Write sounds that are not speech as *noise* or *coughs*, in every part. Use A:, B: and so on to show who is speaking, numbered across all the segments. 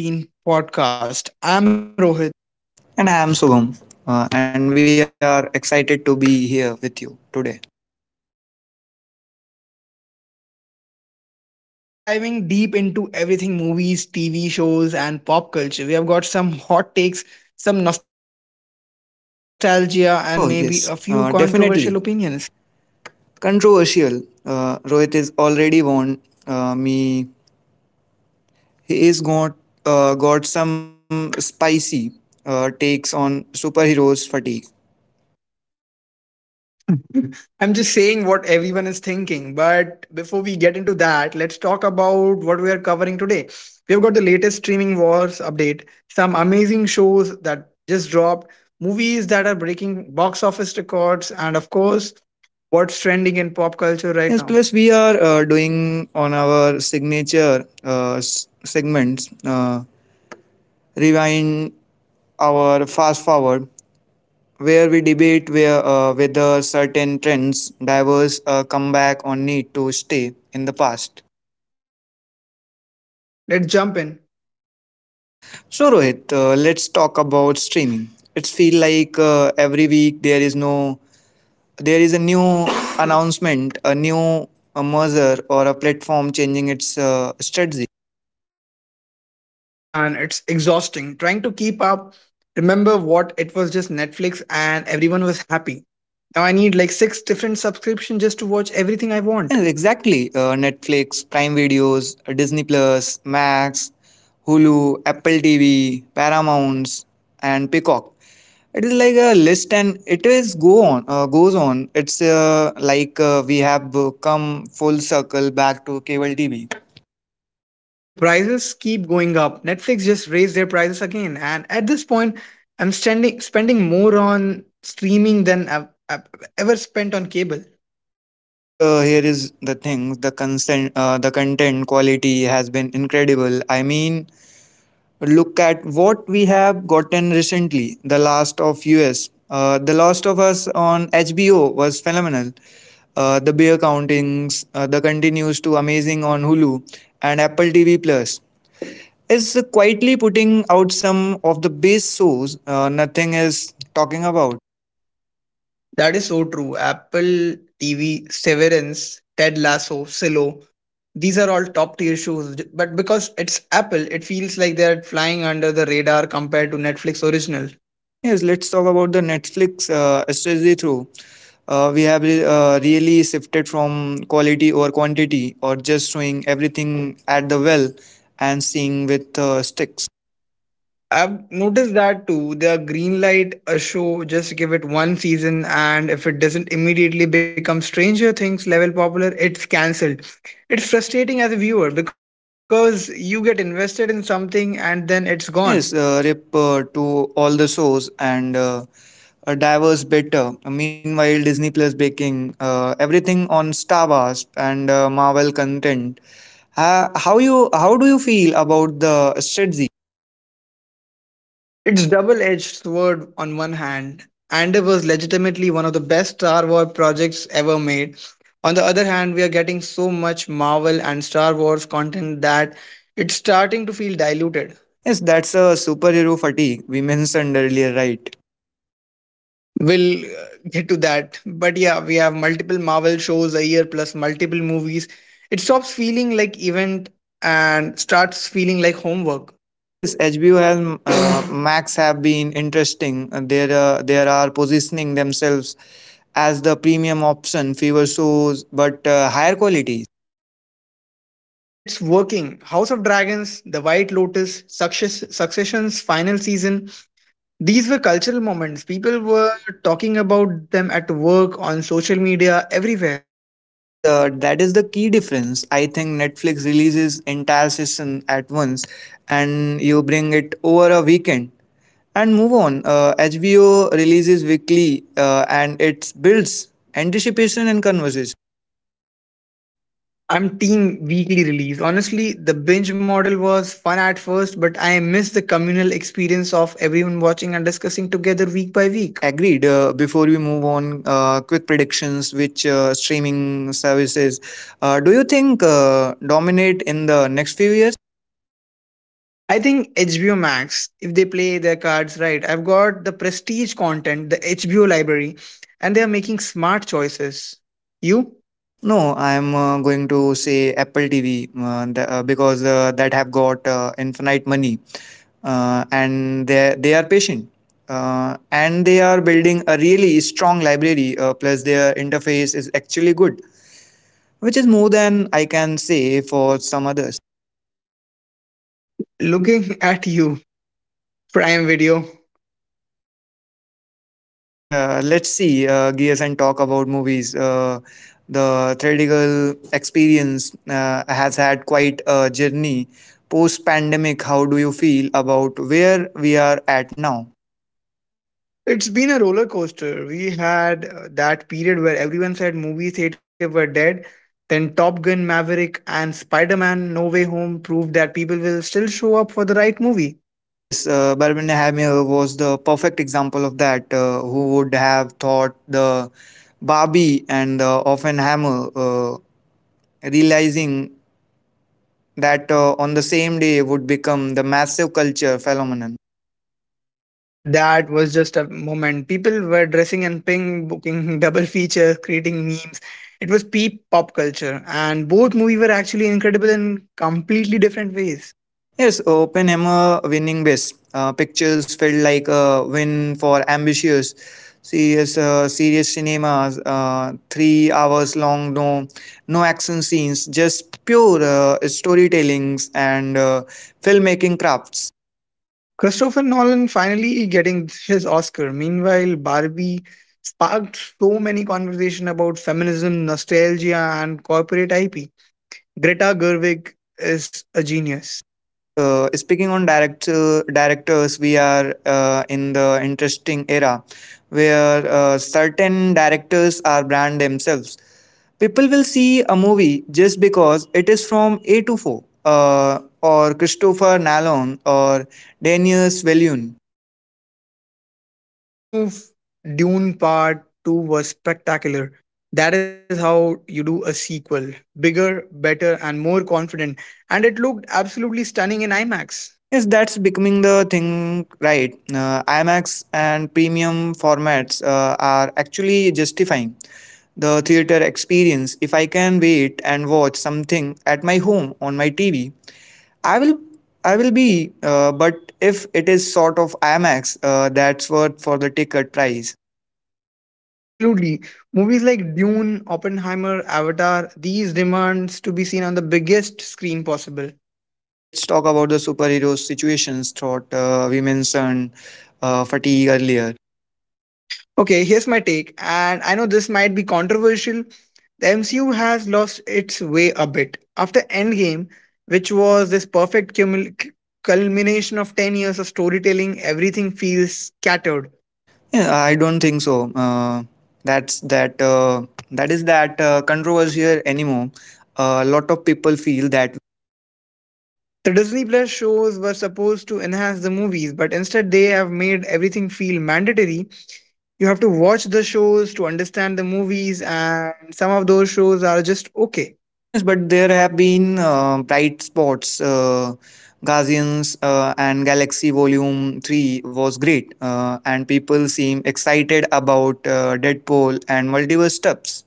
A: Hey everyone, welcome back to the Screen and Scene
B: And
A: podcast.
B: I am
A: I'm
B: Sugam,
A: Rohit.
B: and we are excited to be here with you today.
A: Absolutely. Today we are diving deep into everything movies, TV shows, and pop culture. We have got some hot takes, some nostalgia, and maybe a few controversial
B: Oh,
A: opinions.
B: yes, definitely. Controversial. Rohit is already warned me. He is got some spicy takes on superheroes fatigue.
A: *laughs* I'm just saying what everyone is thinking. But before we get into that, let's talk about what we are covering today. We have got the latest streaming wars update, some amazing shows that just dropped, movies that are breaking box office records, and of course, what's trending in pop culture right
B: Yes,
A: now.
B: plus we are doing on our signature segments, rewind our fast forward where we debate where, whether certain trends diverse come back or need to stay in the past.
A: All right, let's jump in.
B: So Rohit, let's talk about streaming. It's feel like every week there is no there is a new *coughs* announcement, a measure or a platform changing its strategy.
A: Man, it's exhausting trying to keep up. Remember what it was just Netflix and everyone was happy. Now I need like six different subscriptions just to watch everything I
B: Yeah,
A: want.
B: exactly. Netflix, Prime Videos, Disney Plus, Max, Hulu, Apple TV, Paramounts, and Peacock. It is like a list, and it is go on goes on. It's like we have come full circle back to cable TV.
A: And the prices keep going up. Netflix just raised their prices again. And at this point, spending more on streaming than I've ever spent on cable.
B: Yes, but here is the thing: the content quality has been incredible. I mean, look at what we have gotten recently. The Last of Us on HBO was phenomenal. Uh, the continues to amazing on Hulu and Apple TV Plus. Is quietly putting out some of the base shows nothing is talking about.
A: That is so true. Apple TV, Severance, Ted Lasso, Silo, these are all top tier shows. But because it's Apple, it feels like they're flying under the radar compared to Netflix original.
B: Yes, let's talk about the Netflix strategy through. Uh, really shifted from quality or quantity or just showing everything at the well and seeing with sticks.
A: I've noticed that too. They green light a show, just give it one season, and if it doesn't immediately become Stranger Things level popular, it's cancelled. It's frustrating as a viewer because you get invested in something and then it's
B: Yes,
A: gone.
B: rip to all the shows and diverse better. Uh, Meanwhile, Disney Plus baking everything on Star Wars and Marvel content. How do you feel about the strategy?
A: It's double-edged sword on one hand, and it was legitimately one of the best Star Wars projects ever made. On the other hand, we are getting so much Marvel and Star Wars content that it's starting to feel diluted.
B: Yes, that's a superhero fatigue we mentioned earlier, right?
A: We'll get to that. But yeah, we have multiple Marvel shows a year plus multiple movies. It stops feeling like event and starts feeling like homework.
B: Yes, HBO and *coughs* Max have been interesting. There are positioning themselves as the premium option, fewer shows but higher quality.
A: And it's working. House of Dragons, The White Lotus, Success, Succession's final season. These were cultural moments. People were talking about them at work, on social media, everywhere.
B: Yes, that is the key difference. I think Netflix releases entire season at once, and you bring it over a weekend. And move on. HBO releases weekly and it builds anticipation and conversation.
A: I'm team weekly release. Honestly, the binge model was fun at first, but I miss the communal experience of everyone watching and discussing together week by
B: Yes,
A: week.
B: agreed. Before we move on, quick predictions: which streaming services do you think dominate in the next few years?
A: I think HBO Max, if they play their cards right, I've got the prestige content, the HBO library, and they are making smart choices. You?
B: No, I'm going to say Apple TV , because that have got infinite money, and they are patient, and they are building a really strong library. Plus, their interface is actually good, which is more than I can say for some others.
A: Looking *laughs* at you, Prime Video.
B: Yeah, let's see, Gears, and talk about movies. The theatrical experience has had quite a journey. Post pandemic, how do you feel about where we are at now?
A: It's been a roller coaster. We had that period where everyone said movie theater were dead. Then Top Gun Maverick and Spider Man No Way Home proved that people will still show up for the right movie.
B: Oh, yes, Barbenheimer was the perfect example of that. Who would have thought the Barbie and the Offenhammer realizing that on the same day would become the massive culture phenomenon?
A: That was just a moment. People were dressing in pink, booking *laughs* double features, creating memes. It was peak pop culture, and both movies were actually incredible in completely different ways.
B: Yes, Open Oppenheimer winning best. Pictures felt like a win for ambitious. Serious cinemas, 3 hours long, no, no action scenes, just pure storytellings and filmmaking crafts.
A: Christopher Nolan finally getting his Oscar. Meanwhile, Barbie sparked so many conversation about feminism, nostalgia, and corporate IP. Greta Gerwig is a genius.
B: Yes, speaking on directors, we are in the interesting era where certain directors are brand themselves. People will see a movie just because it is from A to 4 or Christopher Nolan or Danius Villeneuve.
A: Villeneuve Dune Part 2 was spectacular. That is how you do a sequel. Bigger, better, and more confident. And it looked absolutely stunning in IMAX.
B: Yes, that's becoming the thing, right? IMAX and premium formats are actually justifying the theater experience. If I can wait and watch something at my home on my TV, i will I will be but if it is sort of IMAX, that's worth for the ticket price.
A: Absolutely. Movies like Dune, Oppenheimer, Avatar, these demands to be seen on the biggest screen possible.
B: Yes, let's talk about the superhero situations thought. We mentioned fatigue earlier.
A: Okay, here's my take, and I know this might be controversial. The MCU has lost its way a bit. After Endgame, which was this perfect culmination of 10 years of storytelling, everything feels scattered.
B: Yeah, I don't think so, that's that that is that controversial anymore. A lot of people feel that.
A: The Disney Plus shows were supposed to enhance the movies, but instead they have made everything feel mandatory. You have to watch the shows to understand the movies, and some of those shows are just okay.
B: Yes, but there have been bright spots. Guardians and Galaxy Volume 3 was great, and people seem excited about Deadpool and multiverse stuffs.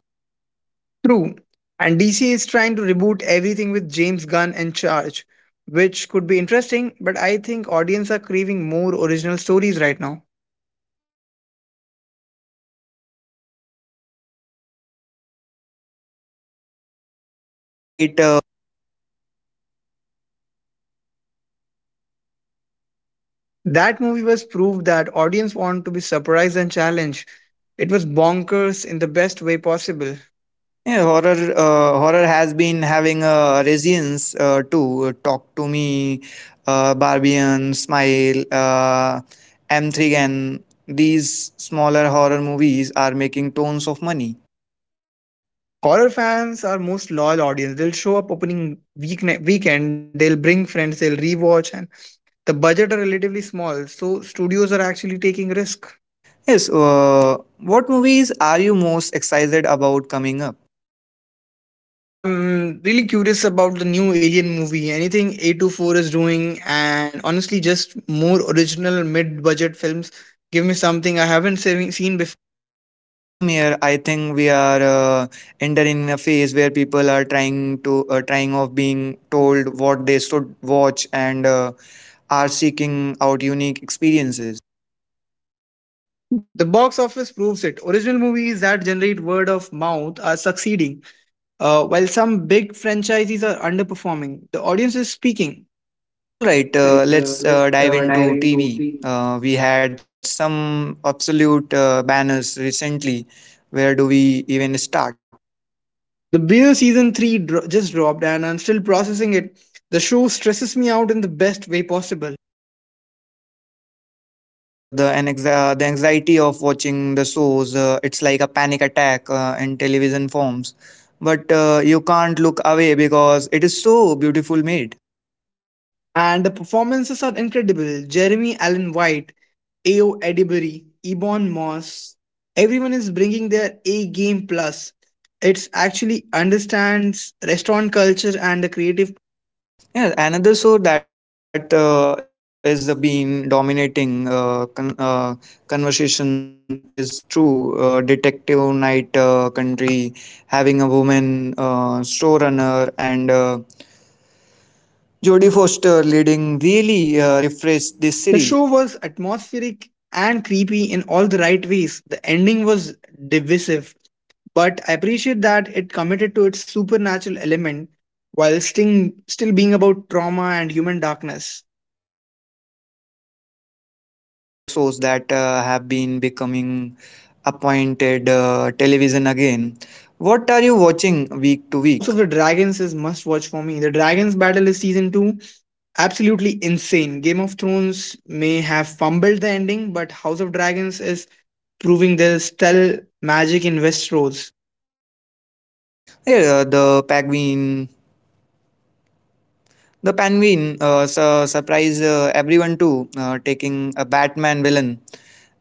A: True. And DC is trying to reboot everything with James Gunn in charge, which could be interesting, but I think audience are craving more original stories right now.
B: Yes, that's why where movies like having everywhere all at once came in completely right, weird heartfails and swept other the Oscars.
A: That movie was proof that audience want to be surprised and challenged. It was bonkers in the best way possible.
B: Yeah, horror has been having a resilience to talk to me, Barbian, Smile, M3 and these smaller horror movies are making tons of money.
A: Horror fans are most loyal audience. They'll show up opening weeknight weekend, they'll bring friends, they'll rewatch, and the budget are relatively small, so studios are actually taking risk.
B: Yes, what movies are you most excited about coming up?
A: I'm really curious about the new Alien movie. Anything A24 is doing, and honestly, just more original mid-budget films. Give me something I haven't seen before.
B: Yes, same here. I think we are entering a phase where people are trying to trying of being told what they should watch and are seeking out unique experiences.
A: The box office proves it. Original movies that generate word of mouth are succeeding, while some big franchises are underperforming. The audience is speaking.
B: All right, uh,
A: Right,
B: let's
A: let's
B: uh, dive
A: dive
B: into
A: into
B: TV. We had some absolute banners recently. Where do we even start?
A: The Bear season 3 just dropped and I'm still processing it. The show stresses me out in the best way possible.
B: Yes, the anxiety of watching the shows. It's like a panic attack in television forms, but you can't look away because it is so beautiful made.
A: And the performances are incredible. Jeremy Allen White, A.O. Edibury, Ebon Moss. Everyone is bringing their A game plus. It's actually understands restaurant culture and the creative.
B: Yeah, another show that is been dominating conversation is True Detective Night Country, having a woman showrunner and Jodie Foster leading really refreshed this
A: The
B: series.
A: show was atmospheric and creepy in all the right ways. The ending was divisive, but I appreciate that it committed to its supernatural element while still being about trauma and human darkness.
B: Yes, let's talk about the shows that have been becoming appointed television again. What are you watching week to
A: House
B: week?
A: of the Dragons is must watch for me. The Dragons Battle is season 2. Absolutely insane. Game of Thrones may have fumbled the ending, but House of Dragons is proving there's still magic in Westeros.
B: Yeah, the Penguin surprised everyone too, taking a Batman villain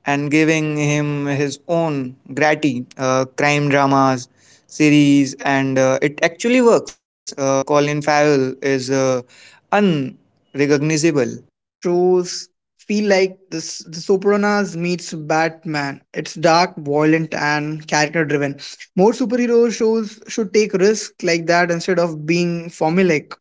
B: and giving him his own gritty crime dramas series, and it actually works. Colin Farrell is unrecognizable.
A: That shows feel like this the Sopranos meets Batman. It's dark, violent, and character driven. More superhero shows should take risks like that instead of being formulaic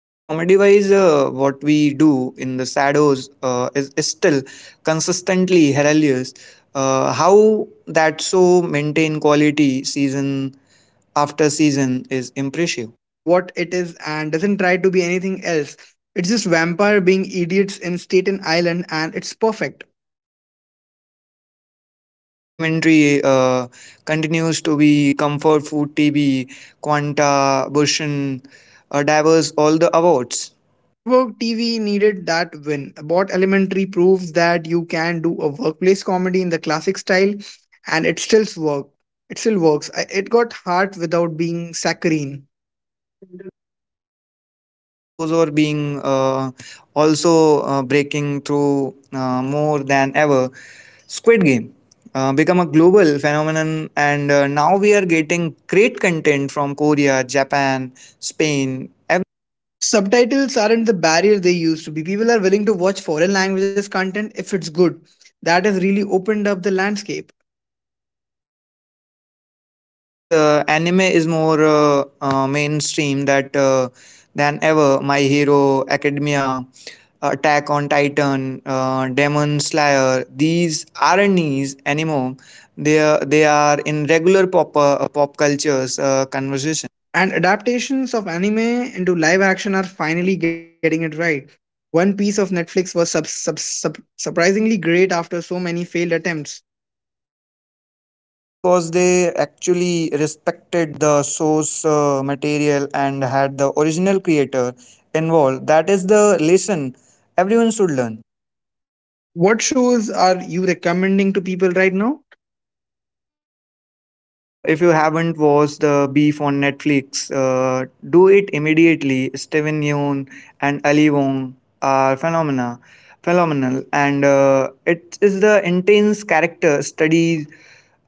B: Yes, comedy wise, what we do in the shadows is still consistently hilarious. How that so maintain quality season after season is
A: because
B: impressive.
A: it knows what it is and doesn't try to be anything else. It's just vampire being idiots in Staten Island, and it's perfect.
B: Yes, about elementary continues to be comfort food TB, Quanta, Bushin, diverse all the awards.
A: Network TV needed that win. Bot Elementary proves that you can do a workplace comedy in the classic style, and It still works. It got heart without being saccharine.
B: Yes, international shows are being also breaking through more than ever. Squid Game become a global phenomenon, and now we are getting great content from Korea, Japan, Spain.
A: Subtitles aren't the barrier they used to be. People are willing to watch foreign languages content if it's good. That has really opened up the landscape.
B: Yes, anime is more mainstream that than ever. My Hero Academia, Attack on Titan, Demon Slayer. These aren't niche anymore. They are in regular pop cultures conversation.
A: And adaptations of anime into live action are finally getting it right. One piece of Netflix was surprisingly great after so many failed attempts.
B: Yeah, because they actually respected the source material and had the original creator involved. That is the lesson everyone should learn.
A: What shows are you recommending to people right now?
B: Yes, if you haven't watched the Beef on Netflix, do it immediately. Steven Yeun and Ali Wong are phenomena, phenomenal, and it is the intense character studies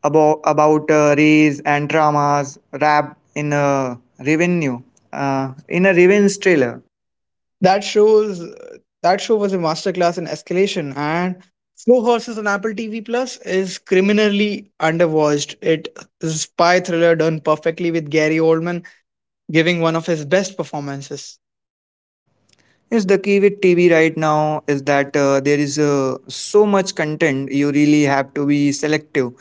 B: about race and traumas wrapped in a revenue in a revenge trailer.
A: That shows that show was a masterclass in escalation and Slow Horses on Apple TV Plus is criminally underwatched. It is a spy thriller done perfectly with Gary Oldman giving one of his best performances.
B: Yes, the key with TV right now is that there is so much content, you really have to be selective,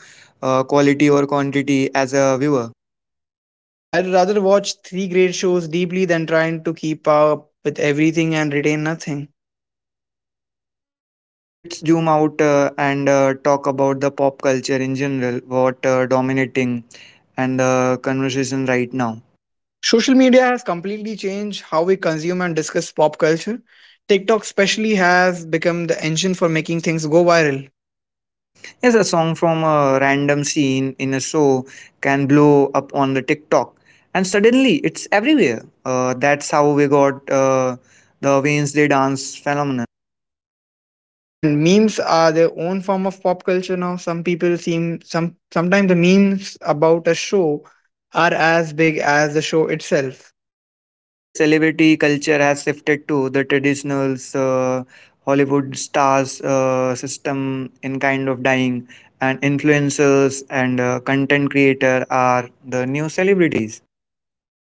B: quality or quantity as a viewer.
A: Agreed, I'd rather watch three great shows deeply than trying to keep up with everything and retain nothing.
B: Yes, let's zoom out and talk about the pop culture in general, what dominating and the conversation right now.
A: Social media has completely changed how we consume and discuss pop culture. TikTok, especially, has become the engine for making things go viral.
B: Yes, a song from a random scene in a show can blow up on the TikTok, and suddenly it's everywhere. That's how we got the Wednesday dance phenomenon.
A: And memes are their own form of pop culture now. Some people seem some Sometimes the memes about a show are as big as the show itself,
B: Yes, celebrity culture has shifted to the traditional Hollywood stars system in kind of dying, and influencers and content creator are the new celebrities.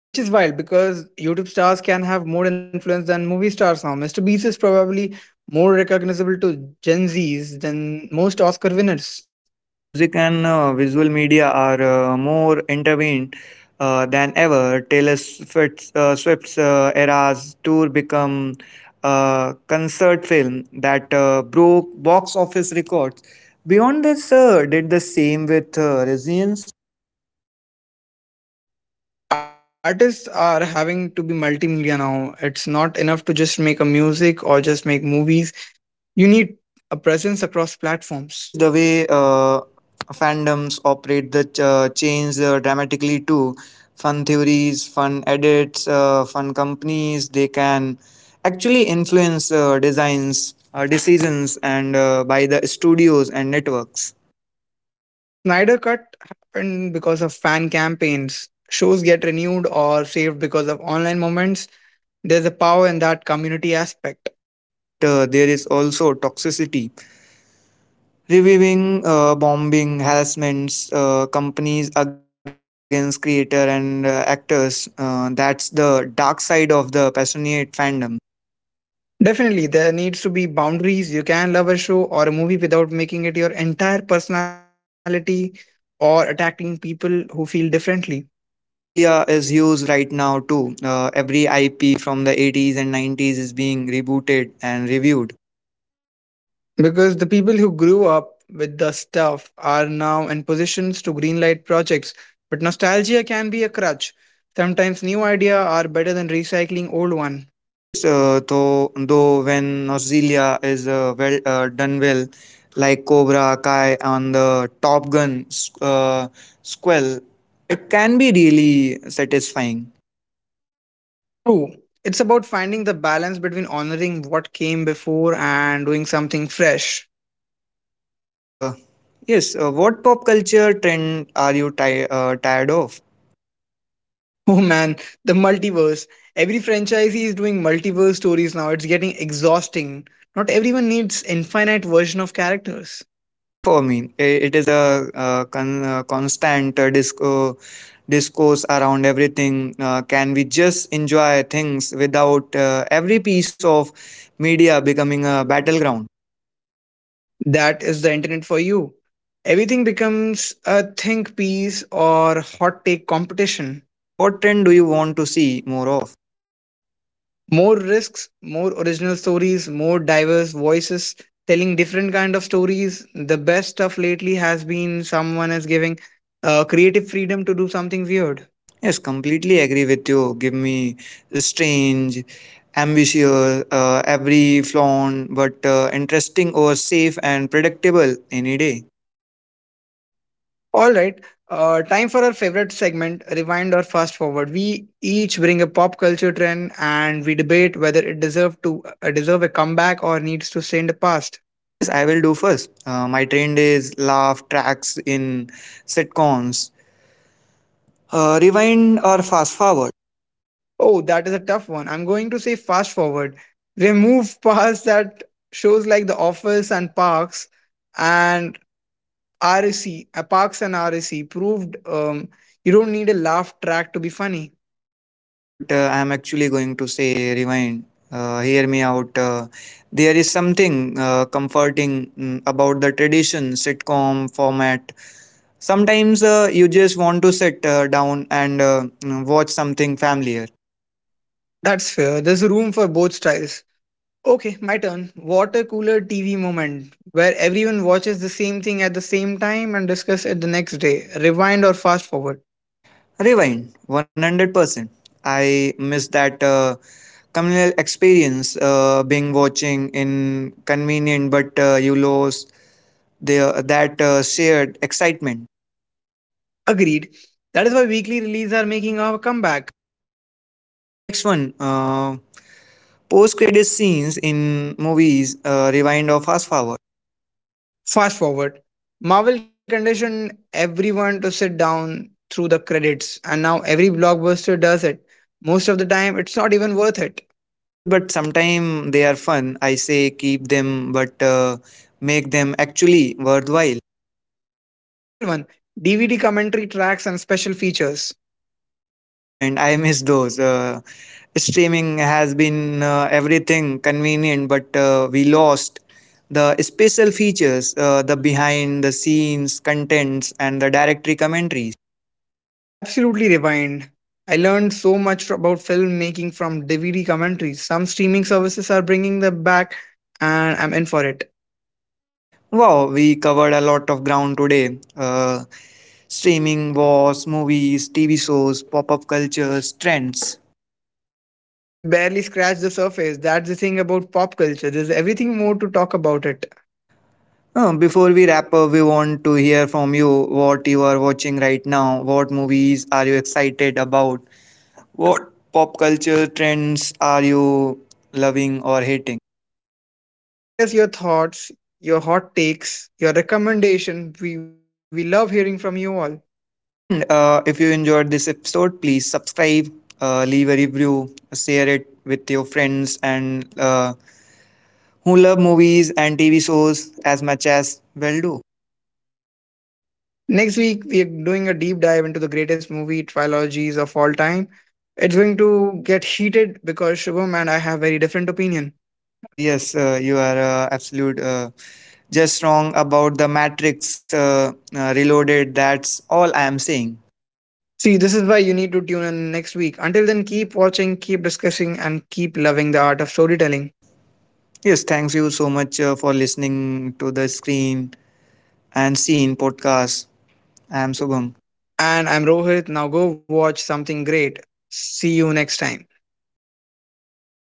A: which is wild because YouTube stars can have more influence than movie stars now. Mr. Beast is probably more recognizable to Gen Zs than most Oscar winners.
B: Yes, music and visual media are more intervened than ever. Taylor Swift's era's tour become a concert film that broke box office records. Beyond this, did the same with Resilience.
A: Artists are having to be multimedia now. It's not enough to just make a music or just make movies. You need a presence across
B: Yes, the
A: platforms.
B: way fandoms operate change dramatically too. Fun theories, fun edits, fun companies, they can actually influence designs, decisions, and by the studios and networks.
A: The Snyder cut happened because of fan campaigns. Shows get renewed or saved because of online moments. There's a power in that community aspect.
B: Yes, but there is also toxicity. Reviewing, bombing, harassments, companies against creator and actors. That's the dark side of the passionate fandom.
A: Definitely, there needs to be boundaries. You can love a show or a movie without making it your entire personality or attacking people who feel differently.
B: Yeah, nostalgia is huge right now too. Every IP from the 80s and 90s is being rebooted and reviewed.
A: Because the people who grew up with the stuff are now in positions to greenlight projects. But nostalgia can be a crutch. Sometimes new ideas are better than recycling old one.
B: Yes, though when nostalgia is done well, like Cobra Kai on the Top Gun sequel, it can be really satisfying.
A: True. It's about finding the balance between honoring what came before and doing something fresh.
B: Uh, yes, what pop culture trend are you ti- tired of?
A: Oh man, the multiverse. Every franchisee is doing multiverse stories now. It's getting exhausting. Not everyone needs infinite version of characters.
B: Yeah, fire for me. It is a, constant discourse around everything. Can we just enjoy things without every piece of media becoming a battleground?
A: That is the internet for you. Everything becomes a think piece or hot take competition.
B: Yes, what trend do you want to see more of?
A: More risks, more original stories, more diverse voices telling different kind of stories. The best stuff lately has been someone is giving creative freedom to do something weird.
B: Yes, completely agree with you. Give me strange, ambitious, every flawn, but interesting or safe and predictable any day.
A: All right. Time for our favorite segment, rewind or fast forward. We each bring a pop culture trend and we debate whether it deserve to deserve a comeback or needs to stay in the past.
B: Yes, I will do first. My trend is laugh tracks in sitcoms. Rewind or fast forward?
A: Oh, that is a tough one. I'm going to say fast forward. We move *laughs* past that shows like The Office and Parks and RSC, Parks and RSC proved you don't need a laugh track to be funny.
B: Yes, but I am actually going to say rewind. Hear me out. There is something comforting about the tradition sitcom format. Sometimes you just want to sit down and watch something familiar.
A: That's fair. There's room for both styles. Okay, my turn. Water cooler TV moment where everyone watches the same thing at the same time and discuss it the next day, rewind or fast forward.
B: Rewind 100%. I miss that communal experience being watching in convenient, but you lost that shared excitement.
A: Agreed. That is why weekly releases are making our comeback.
B: Yeah, next one. Post credit scenes in movies, rewind or fast forward.
A: Fast forward. Marvel conditioned everyone to sit down through the credits, and now every blockbuster does it. Most of the time, it's not even worth it.
B: Yes, but sometimes they are fun. I say keep them, but make them actually worthwhile.
A: Final one. DVD commentary tracks and special features.
B: Oh, rewind. I miss those. Streaming has been everything convenient, but we lost the special features, the behind the scenes contents, and the directory commentaries.
A: Absolutely rewind. I learned so much about filmmaking from DVD commentaries. Some streaming services are bringing them back, and I'm in for it.
B: Wow, we covered a lot of ground today. Streaming wars, movies, TV shows, pop up cultures, trends.
A: And we barely scratched the surface. That's the thing about pop culture. There's everything more to talk about it.
B: Before we wrap up, we want to hear from you: what you are watching right now. What movies are you excited about? What pop culture trends are you loving or hating?
A: Send us your thoughts, your hot takes, your recommendation. We love hearing from you all.
B: And if you enjoyed this episode, please subscribe, leave a review, share it with your friends and who love movies and TV shows as much as well do.
A: Next week, we are doing a deep dive into the greatest movie trilogies of all time. It's going to get heated because Shubham and I have very different opinion.
B: *laughs* Yes, you are absolute just wrong about the Matrix Reloaded. That's all I am saying.
A: See, this is why you need to tune in next week. Until then, keep watching, keep discussing, and keep loving the art of storytelling.
B: Yes, thanks you so much for listening to the Screen and Scene podcast. I am Subham.
A: And I'm Rohit. Now go watch something great. See you next time.
B: Yes.